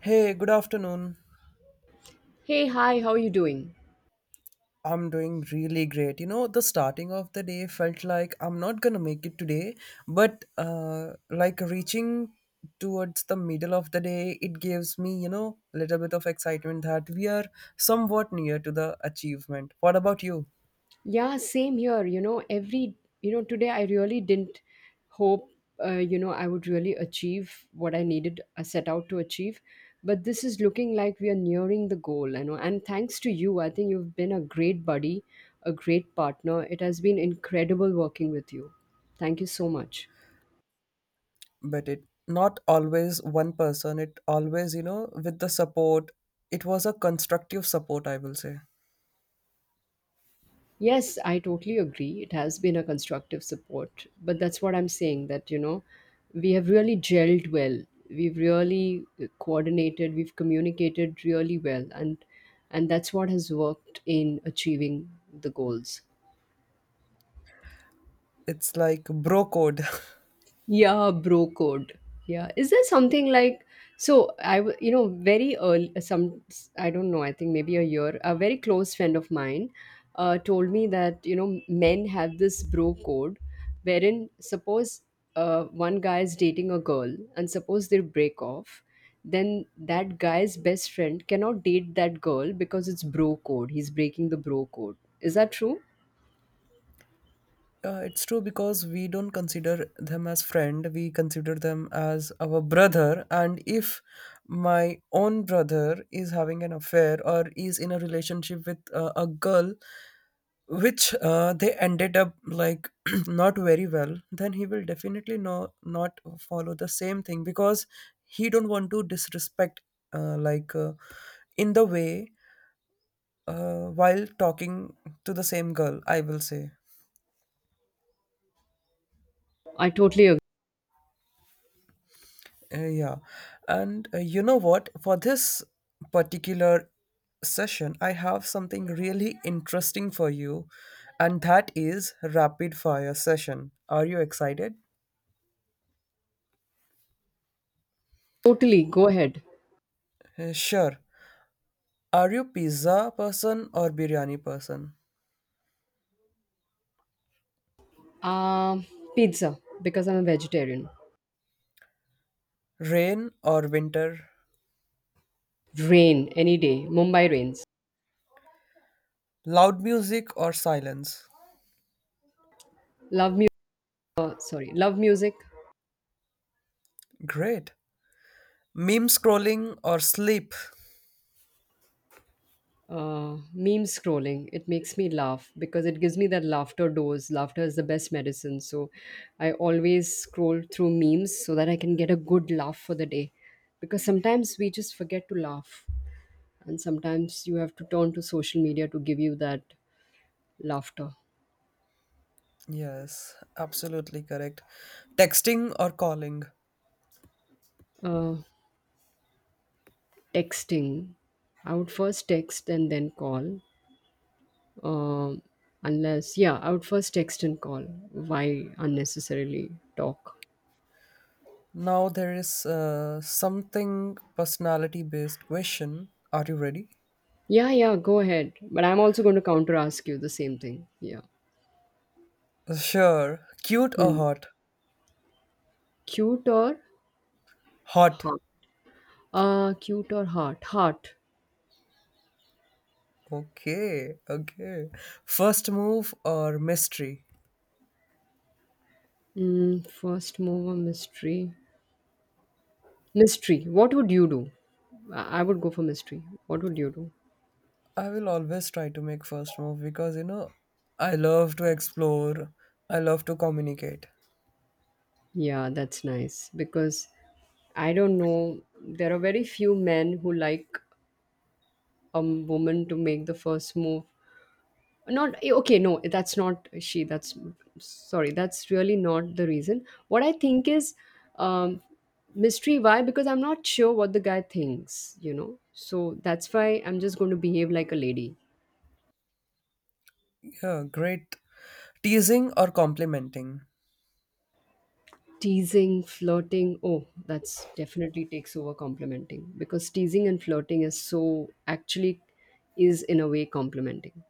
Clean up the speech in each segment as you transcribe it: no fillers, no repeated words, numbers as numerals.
Hey, good afternoon. Hey, hi, how are you doing? I'm doing really great. You know, the starting of the day felt like I'm not gonna make it today, but like reaching towards the middle of the day, it gives me, you know, a little bit of excitement that we are somewhat near to the achievement. What about you? Yeah, same here. Today I really didn't hope, I would really achieve what I needed, set out to achieve. But this is looking like we are nearing the goal. And thanks to you, I think you've been a great buddy, a great partner. It has been incredible working with you. Thank you so much. But it not always one person, it always, you know, with the support, it was a constructive support, I will say. Yes, I totally agree. It has been a constructive support. But that's what I'm saying that, we have really gelled well. We've really coordinated, we've communicated really well and that's what has worked in achieving the goals. It's like bro code. Yeah, bro code. Yeah. Is there something like so I w- you know very early some I don't know, I think maybe a year, a very close friend of mine told me that men have this bro code wherein suppose one guy is dating a girl and suppose they break off, then that guy's best friend cannot date that girl because it's bro code. He's breaking the bro code. Is that true? It's true because we don't consider them as friend. We consider them as our brother. And if my own brother is having an affair or is in a relationship with a girl, which they ended up like not very well, then he will definitely no not follow the same thing because he don't want to disrespect uh, like uh, in the way while talking to the same girl. I will say. I totally agree. Yeah. And you know what? For this particular session, I have something really interesting for you, and that is rapid fire session. Are you excited? Totally. Go ahead. Sure. Are you pizza person or biryani person? Um, Pizza because I'm a vegetarian. Rain or winter? Rain any day. Mumbai rains. Loud music or silence? Love mu- love music. Great. Meme scrolling or sleep? Meme scrolling. It makes me laugh because it gives me that laughter dose. Laughter is the best medicine. So, I always scroll through memes so that I can get a good laugh for the day. Because sometimes we just forget to laugh, and sometimes you have to turn to social media to give you that laughter. Yes, absolutely correct. Texting or calling? Uh, Texting. I would first text and then call. Um, Unless, yeah, I would first text and call. Why unnecessarily talk? Now there is something personality based question. Are you ready? Yeah, yeah, go ahead. But I'm also going to counter ask you the same thing. Yeah. Sure. Cute or Hmm. hot? Cute or Hot. heart? Cute or heart? Heart. Okay, okay. First move or mystery? First mover mystery. Mystery. What would you do? I would go for mystery. What would you do? I will always try to make first move because you know I love to explore. I love to communicate. Yeah, that's nice because I don't know. There are very few men who like a woman to make the first move, not eh, okay no that's not she that's sorry that's really not the reason what I think is, um mystery. Why? Because I'm not sure what the guy thinks, so that's why I'm just going to behave like a lady. Yeah, great. Teasing or complimenting? Teasing, flirting, oh, that's definitely takes over complimenting because teasing and flirting is, so actually, is in a way complimenting.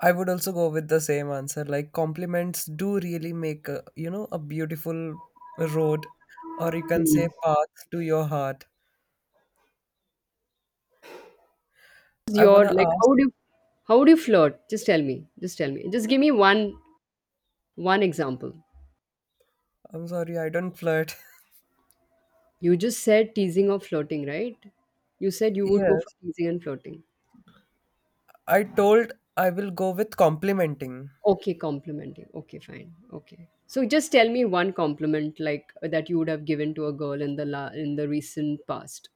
I would also go with the same answer. Like compliments do really make a, you know a beautiful road, or you can say Mm. path to your heart. I Your, wanna like, ask. how do you, how do you flirt? Just tell me, just tell me, just give me one example. I'm sorry, I don't flirt. You just said teasing or flirting, right? You said you would go for Yes, teasing and flirting. I told I will go with complimenting. Okay, complimenting. Okay, fine. Okay. So just tell me one compliment like that you would have given to a girl in the in the recent past.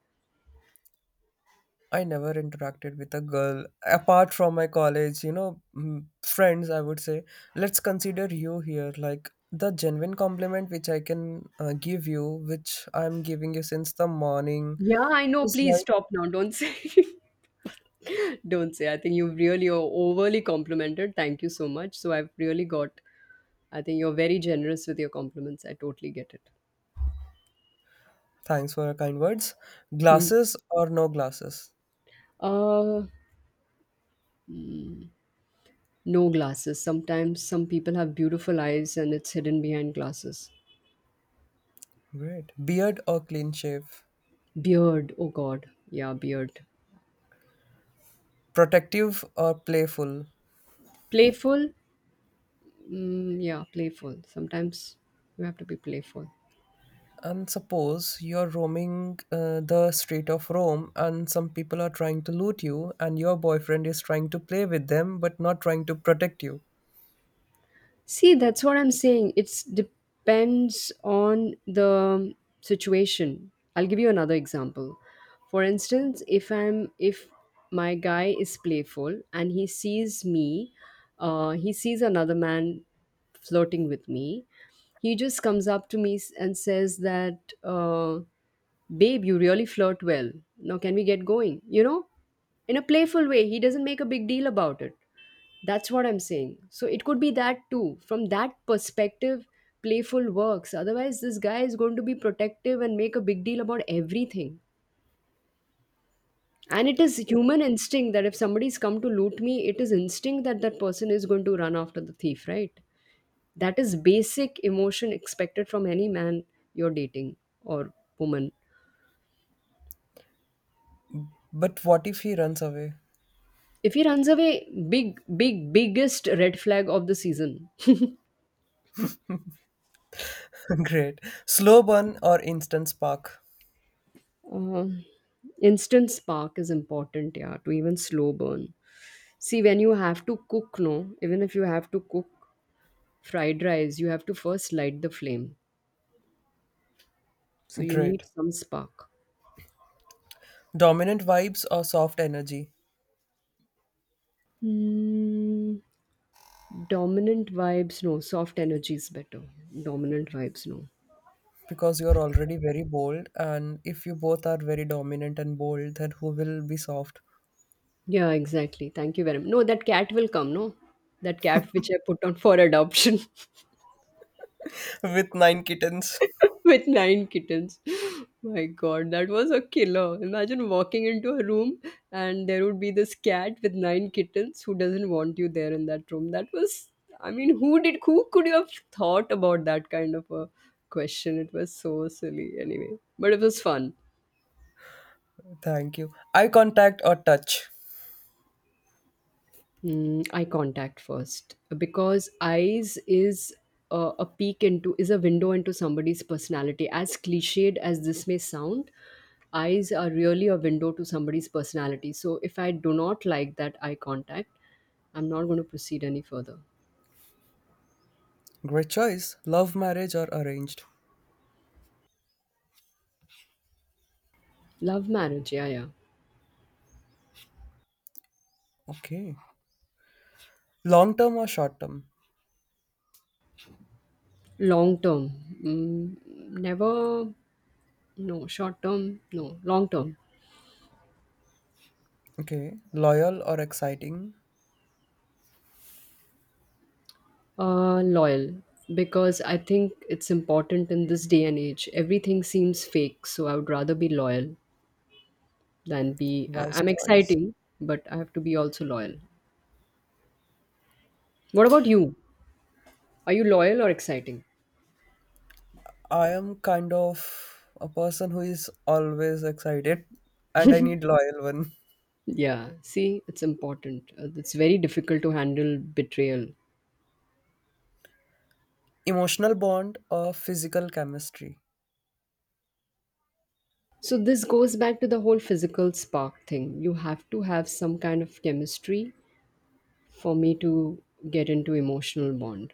I never interacted with a girl apart from my college, you know, mm, friends. I would say, let's consider you here. Like the genuine compliment which I can give you, which I'm giving you since the morning, Yeah, I know. is Please like. stop now. Don't say. Don't say. I think you've really overly complimented. Thank you so much. So I've really got. I think you're very generous with your compliments. I totally get it. Thanks for your kind words. Hmm. Glasses or no glasses? Uh, No glasses. Sometimes some people have beautiful eyes and it's hidden behind glasses. Great. Beard or clean shave? Beard. Oh God. Yeah, beard. Protective or playful? Playful. Yeah, playful. Sometimes you have to be playful. And suppose you're roaming the street of Rome and some people are trying to loot you, and your boyfriend is trying to play with them but not trying to protect you. See, that's what I'm saying. It depends on the situation. I'll give you another example. For instance, if my guy is playful and he sees me, he sees another man flirting with me. He just comes up to me and says that, "Babe, you really flirt well. Now, can we get going?" You know, in a playful way. He doesn't make a big deal about it. That's what I'm saying. So it could be that too. From that perspective, playful works. Otherwise, this guy is going to be protective and make a big deal about everything. And it is human instinct that if somebody's come to loot me, it is instinct that person is going to run after the thief, right? That is basic emotion expected from any man you're dating, or woman. But what if he runs away? If he runs away, big, big, biggest red flag of the season. Great. Slow burn or instant spark? Um, Instant spark is important, yeah, to even slow burn. See, when you have to cook, no, even if you have to cook fried rice, you have to first light the flame. So you Great. need some spark. Dominant vibes or soft energy? Hmm, dominant vibes, no. Soft energy is better. Dominant vibes, no. Because you're already very bold, and if you both are very dominant and bold, then who will be soft? Yeah, exactly. Thank you very much. No, that cat will come, no? That cat which I put on for adoption. With nine kittens. With nine kittens. My god, that was a killer. Imagine walking into a room and there would be this cat with nine kittens who doesn't want you there in that room. That was, I mean, who could you have thought about that kind of a question? It was so silly anyway, but it was fun. Thank you. Eye contact or touch? Eye contact first because eyes is a peek into is a window into somebody's personality, as cliched as this may sound. Eyes are really a window to somebody's personality, so if I do not like that eye contact, I'm not going to proceed any further. Great choice. Love marriage or arranged? Love marriage, yeah, yeah. Okay, long term or short term? Long term. Never. No short term, no long term. Okay, loyal or exciting? Loyal, because I think it's important in this day and age. Everything seems fake, so I would rather be loyal than be. Wise I'm choice. exciting, but I have to be also loyal. What about you? Are you loyal or exciting? I am kind of a person who is always excited, and I need loyal one. Yeah, see, it's important. It's very difficult to handle betrayal. Emotional bond or physical chemistry? So, this goes back to the whole physical spark thing. You have to have some kind of chemistry for me to get into emotional bond.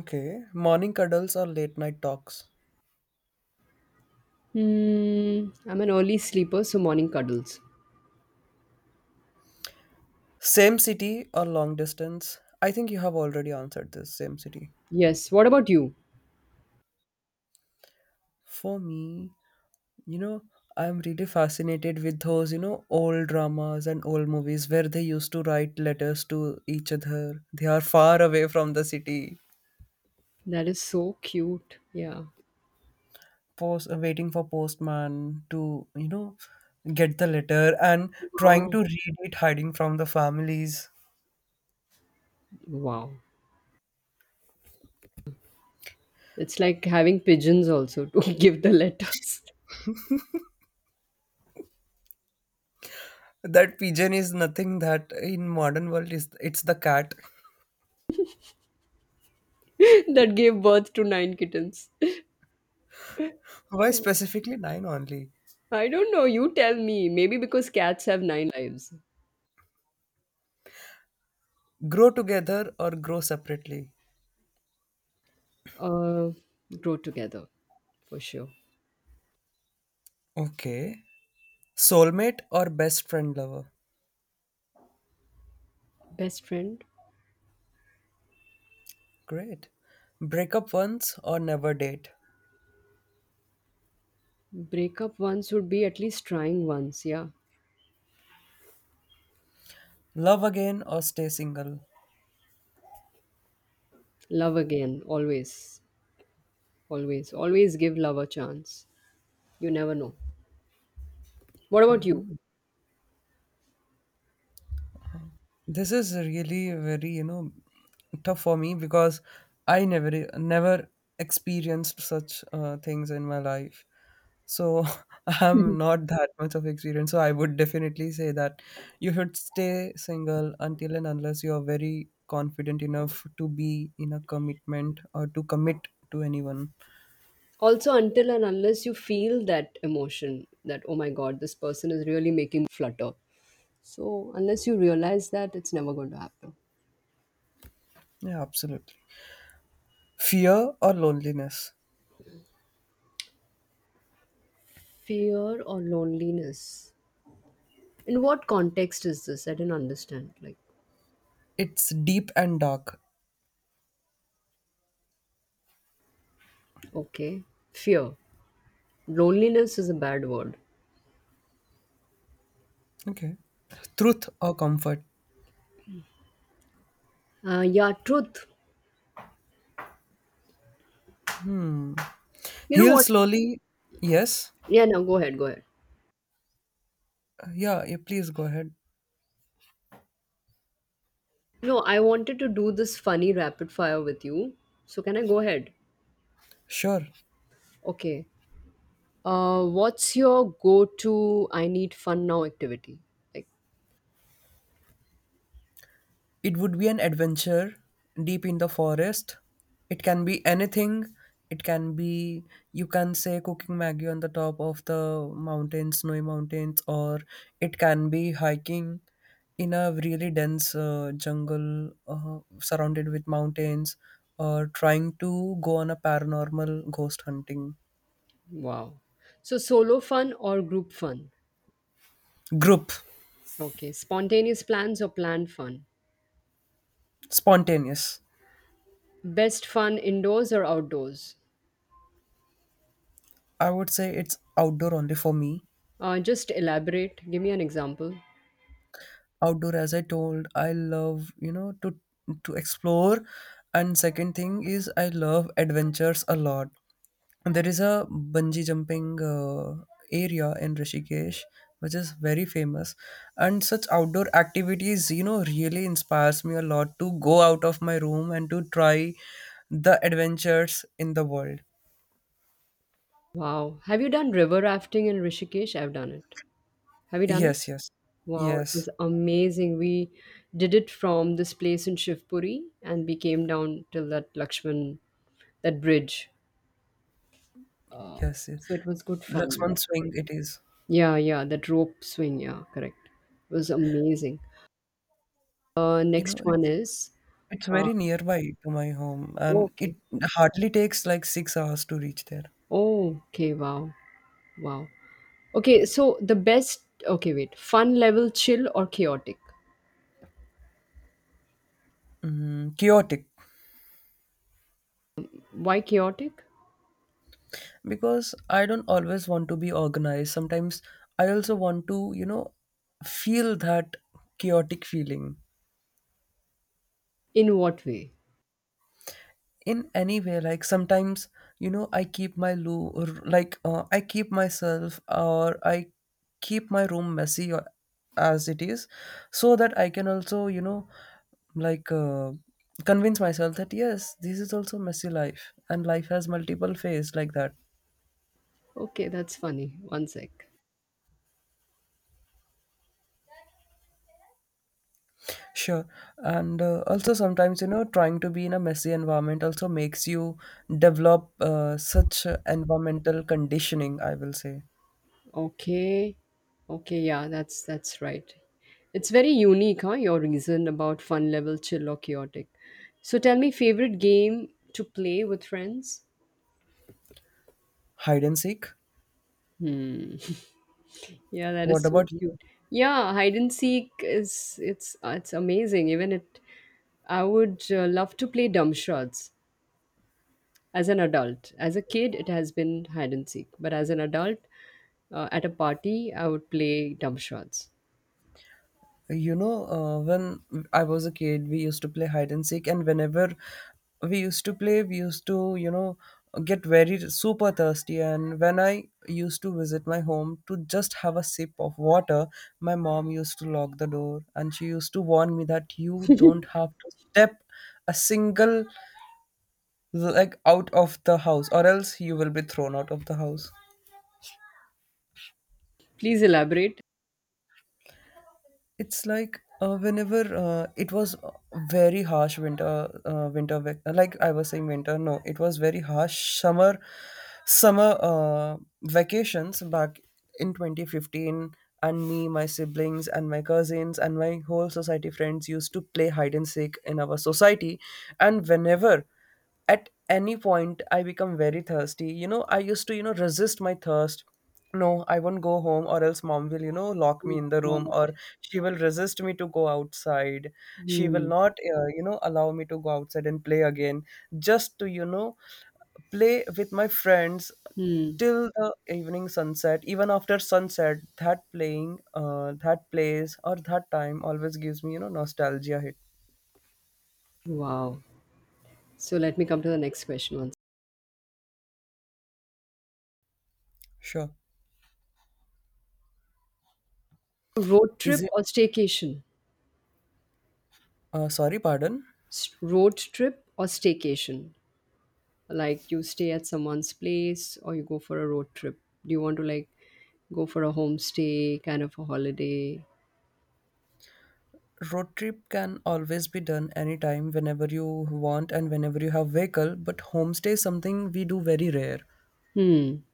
Okay, morning cuddles or late night talks? Hmm, I'm an early sleeper, so morning cuddles. Same city or long distance? I think you have already answered this. Same city. Yes. What about you? For me, you know, I'm really fascinated with those, you know, old dramas and old movies where they used to write letters to each other. They are far away from the city, That is so cute. Yeah. post waiting for postman to, you know, get the letter and trying to Wow. read it, hiding from the families. Wow. It's like having pigeons also to give the letters. That pigeon is nothing that in modern world is it's the cat. That gave birth to nine kittens. Why specifically nine only? I don't know. You tell me. Maybe because cats have nine lives. Grow together or grow separately. Uh, Grow together for sure. Okay. Soulmate or best friend lover. Best friend. Great. Break up once or never date. Break up once would be at least trying once. Yeah. Love again or stay single. Love again. Always. Always. Always give love a chance. You never know. What about you? This is really very, you know, tough for me because I never experienced such things in my life. So I'm not that much of experience. So I would definitely say that you should stay single until and unless you are very confident enough to be in a commitment or to commit to anyone. Also, until and unless you feel that emotion, that oh my god, this person is really making me flutter. So unless you realize that, it's never going to happen. Yeah, absolutely. Fear or loneliness? Fear or loneliness? In what context is this? I didn't understand, like. It's deep and dark. Okay. Fear. Loneliness is a bad word. Okay. Truth or comfort? Yeah, truth. You know He'll what? slowly. Yes. Yeah, no, go ahead, go ahead. Yeah, yeah, please go ahead. No, I wanted to do this funny rapid fire with you, so can I go ahead? Sure. Okay. What's your go-to "I need fun now" activity? Like, It would be an adventure deep in the forest. It can be anything. It can be, you can say, cooking Maggie on the top of the mountains, snowy mountains, or it can be hiking in a really dense jungle surrounded with mountains, or trying to go on a paranormal ghost hunting. wow. So, solo fun or group fun? Group. Okay. Spontaneous plans or planned fun? Spontaneous. Best fun indoors or outdoors? I would say it's outdoor only for me. Just elaborate. Give me an example. Outdoor, as I told, I love you know to explore, and second thing is I love adventures a lot. There is a bungee jumping area in Rishikesh which is very famous, and such outdoor activities you know really inspires me a lot to go out of my room and to try the adventures in the world. Wow. Have you done river rafting in Rishikesh? I've done it. Have you done it? Yes, yes, Wow, it yes, was amazing. We did it from this place in Shivpuri and we came down till that Lakshman, that bridge. Uh, yes. so it was good fun. Laxman swing it is. Yeah, yeah, that rope swing, yeah, correct. Was amazing. You know, Next one it's. is It's uh, very nearby to my home, and it okay. hardly takes like 6 hours to reach there. Oh, okay, wow, wow. Okay, so the best, okay, wait, fun level, chill or chaotic? Mm, chaotic Why chaotic? because I don't always want to be organized. Sometimes I also want to, you know, feel that chaotic feeling. In what way? In any way, like sometimes you know I keep my loo or I keep myself, or I keep my room messy as it is, so that I can also you know like uh, convince myself that yes, this is also messy life and life has multiple phases like that. Okay, that's funny. One sec. Sure. And also sometimes you know trying to be in a messy environment also makes you develop such environmental conditioning, I will say. Okay. Okay, yeah, that's right. It's very unique, huh? Your reason about fun level, chill or chaotic. So tell me, favorite game to play with friends? Hide and seek. Hmm. Yeah, that What is so about you? cute. Yeah, hide and seek is, it's amazing. Even it, I would love to play dumb shots as an adult. As a kid, it has been hide and seek, but as an adult, at a party, I would play dumb shots. You know, when I was a kid, we used to play hide and seek, and whenever we used to play, we used to, you know, get very super thirsty. And when I used to visit my home to just have a sip of water, my mom used to lock the door and she used to warn me that you don't have to step a single leg out of the house, or else you will be thrown out of the house. Please elaborate. It's like whenever it was a very harsh winter winter vac- like I was saying winter no it was very harsh summer vacations back in 2015, and me, my siblings and my cousins and my whole society friends used to play hide and seek in our society. And whenever at any point I become very thirsty, you know, I used to, you know, resist my thirst. No, I won't go home, or else mom will, you know, lock me Oh, in the room, God. or she will resist me to go outside. She will Hmm. not, you know, allow me to go outside and play again, just to, you know, play with my friends Hmm. till the evening sunset. Even after sunset, that playing, that place, or that time always gives me, you know, nostalgia hit. Wow. So let me come to the next question once. Sure. Road Is trip it, or staycation? Sorry, pardon? Road trip or staycation? Like, you stay at someone's place or you go for a road trip? Do you want to like go for a homestay kind of a holiday? Road trip can always be done anytime whenever you want and whenever you have vehicle, but homestay is something we do very rare. Hmm.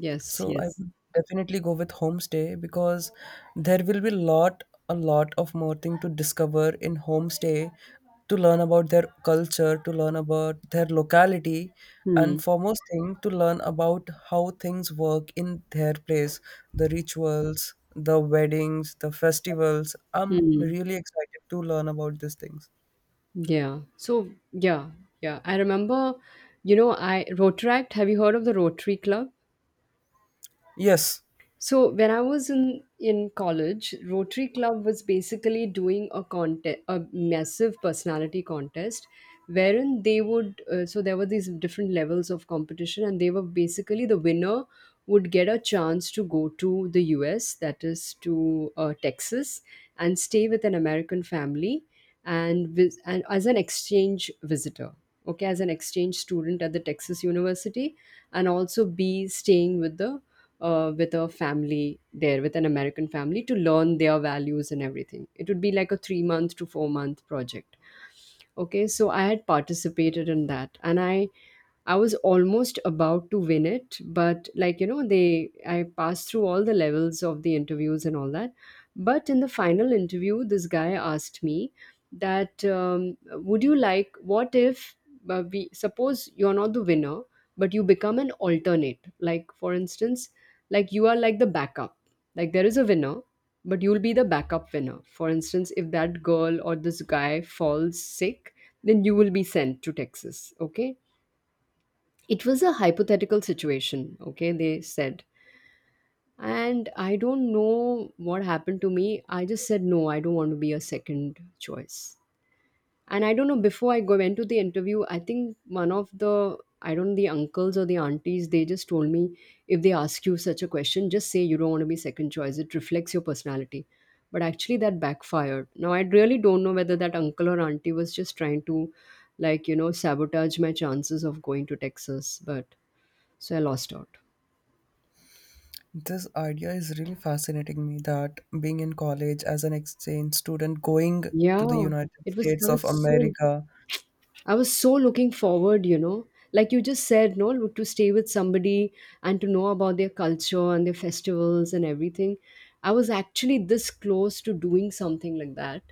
Yes, So I yes. would definitely go with homestay because there will be lot of more thing to discover in homestay, to learn about their culture, to learn about their locality, and Hmm. foremost thing to learn about how things work in their place, the rituals, the weddings, the festivals. I'm Hmm. really excited to learn about these things. Yeah. So yeah, yeah. I remember, you know, I Rotaract, have you heard of the Rotary Club? Yes. So when I was in college, Rotary Club was basically doing a contest, a massive personality contest, wherein they would. So there were these different levels of competition, and they were basically the winner would get a chance to go to the U.S. That is to Texas and stay with an American family, and and as an exchange visitor. Okay, as an exchange student at the Texas University, and also be staying with the with a family there, with an American family, to learn their values and everything. It would be like a 3-month to 4-month project. Okay, so I had participated in that and I was almost about to win it, but like they I passed through all the levels of the interviews and all that. But in the final interview, this guy asked me that would you like, what if we suppose you're not the winner, but you become an alternate. Like for instance, like you are like the backup. Like there is a winner, but you'll be the backup winner. For instance, if that girl or this guy falls sick, then you will be sent to Texas. Okay, it was a hypothetical situation, okay, they said. And I don't know what happened to me, I just said no, I don't want to be a second choice. And I don't know, before I go went to the interview, I think one of the, I don't know, the uncles or the aunties, they just told me if they ask you such a question, just say you don't want to be second choice, it reflects your personality. But actually that backfired. Now I really don't know whether that uncle or auntie was just trying to, like, sabotage my chances of going to Texas. But so I lost out. This idea is really fascinating me, that being in college as an exchange student going to the Yeah, United it was I States of was so America, I was so looking forward, like you just said, no, to stay with somebody and to know about their culture and their festivals and everything. I was actually this close to doing something like that,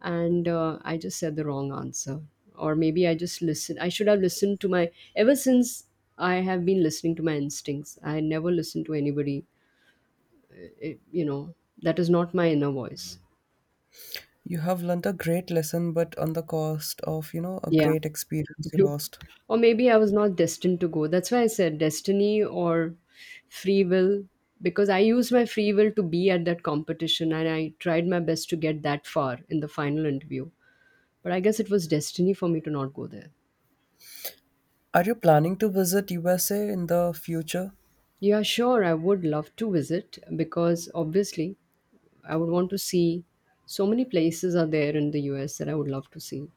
and I just said the wrong answer, or maybe I just listened. I should have listened to my. Ever since I have been listening to my instincts, I never listened to anybody. It, you know, that is not my inner voice. you have learned a great lesson, but on the cost of, you know, a Yeah. great experience you you lost. Or maybe I was not destined to go, that's why I said destiny or free will. Because I used my free will to be at that competition and I tried my best to get that far in the final interview, but I guess it was destiny for me to not go there. Are you planning to visit USA in the future? Yeah, sure, I would love to visit because obviously I would want to see. So many places are there in the US that I would love to see.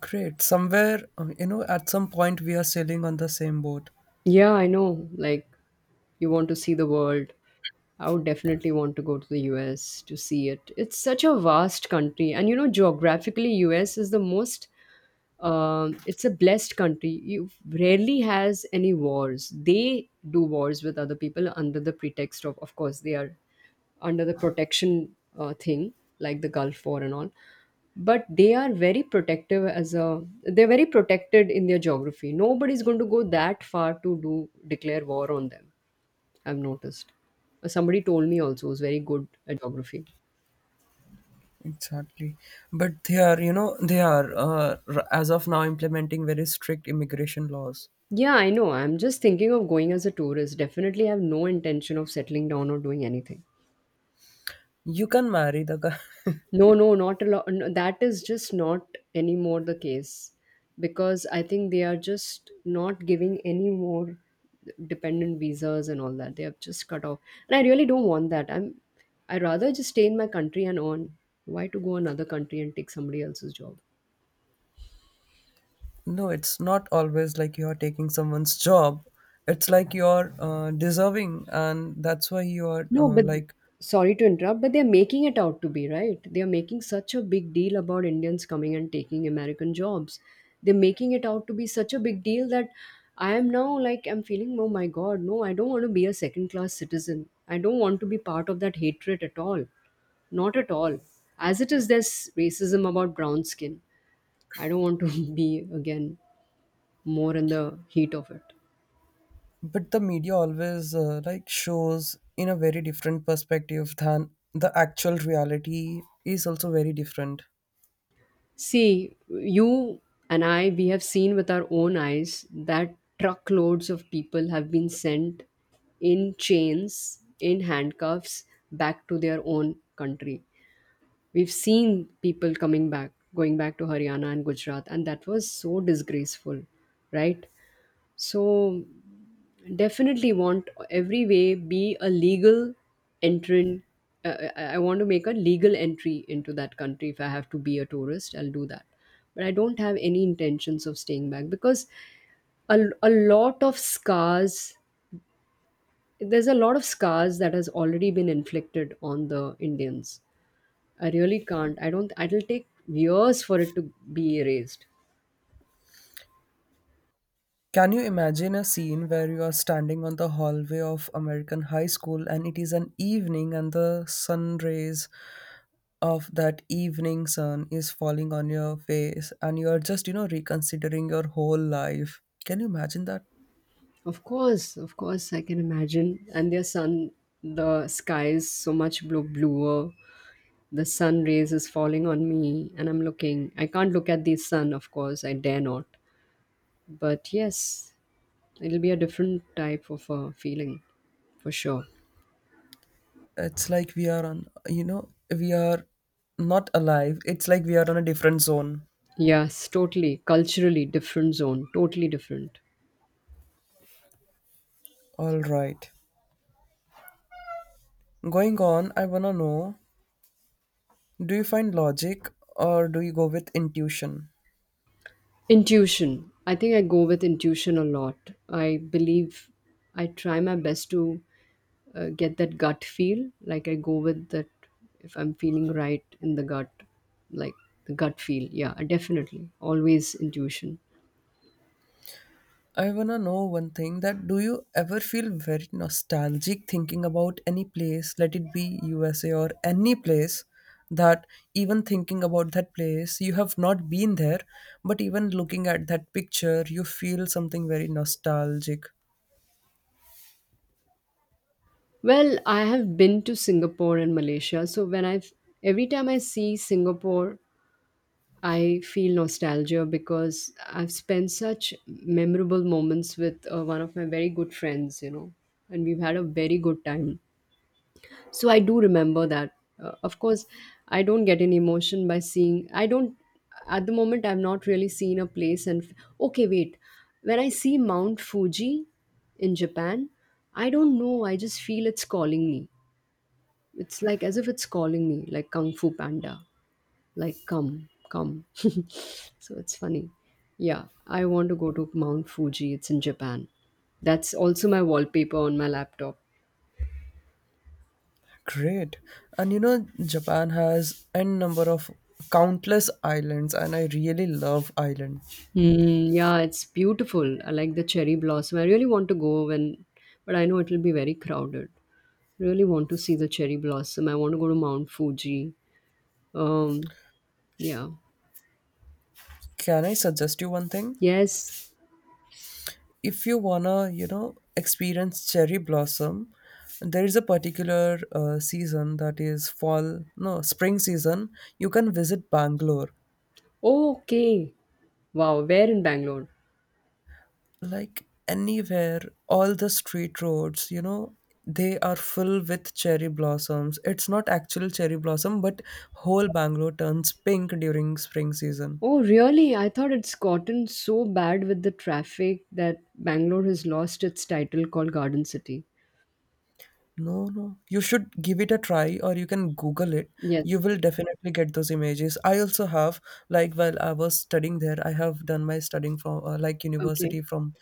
Great. Somewhere, you know, at some point we are sailing on the same boat. Yeah, I know. Like, you want to see the world. I would definitely want to go to the US to see it. It's such a vast country. And you know, geographically, US is the most it's a blessed country. You rarely has any wars. They do wars with other people under the pretext of course, they are under the protection thing, like the Gulf War and all. But they are very protective as a. They're very protected in their geography. Nobody's going to go that far to do declare war on them. I've noticed. Somebody told me also who's very good at geography. Exactly. But they are, you know, they are, r- as of now, implementing very strict immigration laws. Yeah, I know. I'm just thinking of going as a tourist. Definitely have no intention of settling down or doing anything. You can marry the guy. No, no, not a lot. No, that is just not anymore the case because I think they are just not giving any more dependent visas and all that. They have just cut off. And I really don't want that. I rather just stay in my country and earn. Why to go another country and take somebody else's job? No, it's not always like you're taking someone's job. It's like you're deserving, and that's why you're No, but like. sorry to interrupt, but they're making it out to be, right? They're making such a big deal about Indians coming and taking American jobs. They're making it out to be such a big deal that I am now like, I'm feeling, oh my God, no, I don't want to be a second class citizen. I don't want to be part of that hatred at all. Not at all. As it is, there's racism about brown skin. I don't want to be again more in the heat of it. But the media always like shows in a very different perspective than the actual reality is also very different. See, you and I, we have seen with our own eyes that truckloads of people have been sent in chains, in handcuffs, back to their own country. We've seen people coming back, going back to Haryana and Gujarat, and that was so disgraceful, right? So definitely want every way be a legal entrant. I want to make a legal entry into that country. If I have to be a tourist, I'll do that, but I don't have any intentions of staying back. Because a, a lot of scars there's a lot of scars that has already been inflicted on the Indians. I really can't I don't It'll take years for it to be erased. Can you imagine a scene where you are standing on the hallway of American high school and it is an evening and the sun rays of that evening sun is falling on your face and you are just, you know, reconsidering your whole life? Can you imagine that? Of course, I can imagine. And their sun, the sky is so much blue, bluer. The sun rays is falling on me, and I'm looking. I can't look at the sun, of course. I dare not. But yes, it'll be a different type of a feeling for sure. It's like we are on, you know, we are not alive. It's like we are on a different zone. Yes, totally. Culturally different zone. Totally different. All right. Going on, I wanna know, do you find logic or do you go with intuition? Intuition. I think I go with intuition a lot. I believe I try my best to get that gut feel. Like I go with that if I'm feeling right in the gut, like the gut feel. Yeah, definitely. Always intuition. I wanna know one thing, that do you ever feel very nostalgic thinking about any place, let it be USA or any place that even thinking about that place, you have not been there, but even looking at that picture, you feel something very nostalgic. Well, I have been to Singapore and Malaysia. So when I every time I see Singapore, I feel nostalgia because I've spent such memorable moments with one of my very good friends, and we've had a very good time. So I do remember that. Of course, I don't get an emotion by seeing. I don't. At the moment, I've not really seen a place okay, wait. When I see Mount Fuji in Japan, I don't know, I just feel it's calling me. It's like as if it's calling me, like Kung Fu Panda, like come come. So it's funny. Yeah, I want to go to Mount Fuji, it's in Japan. That's also my wallpaper on my laptop. Great. And you know, Japan has n number of countless islands, and I really love island. Mm, yeah, it's beautiful. I like the cherry blossom. I really want to go when, but I know it'll be very crowded. Really want to see the cherry blossom. I want to go to Mount Fuji. Um, yeah. Can I suggest you one thing? Yes. If you wanna you know experience cherry blossom, there is a particular season that is fall no spring season. You can visit Bangalore. Oh, okay. Wow, where in Bangalore? Like anywhere, all the street roads, you know, they are full with cherry blossoms. It's not actual cherry blossom, but whole Bangalore turns pink during spring season. Oh, really? I thought it's gotten so bad with the traffic that Bangalore has lost its title called Garden City. No, no. You should give it a try or you can Google it. You Yes. will definitely get those images. I also have, like, while I was studying there, I have done my studying from, like, Okay. university from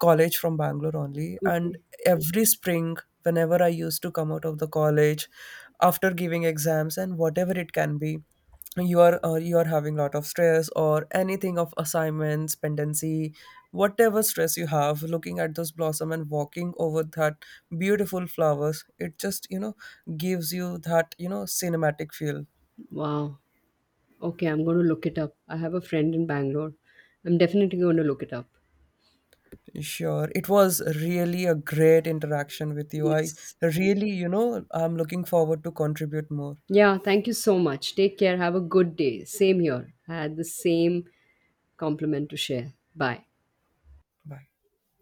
college from Bangalore only. And Okay. every spring, whenever I used to come out of the college after giving exams and whatever it can be, you are having a lot of stress or anything of assignments pendency, whatever stress you have, looking at those blossom and walking over that beautiful flowers, it just you know gives you that you know cinematic feel. Wow. Okay, I'm going to look it up. I have a friend in Bangalore. I'm definitely going to look it up. Sure. It was really a great interaction with you. I Yes. really you know I'm looking forward to contribute more. Yeah, thank you so much. Take care. Have a good day. Same here. I had the same compliment to share. Bye. Bye.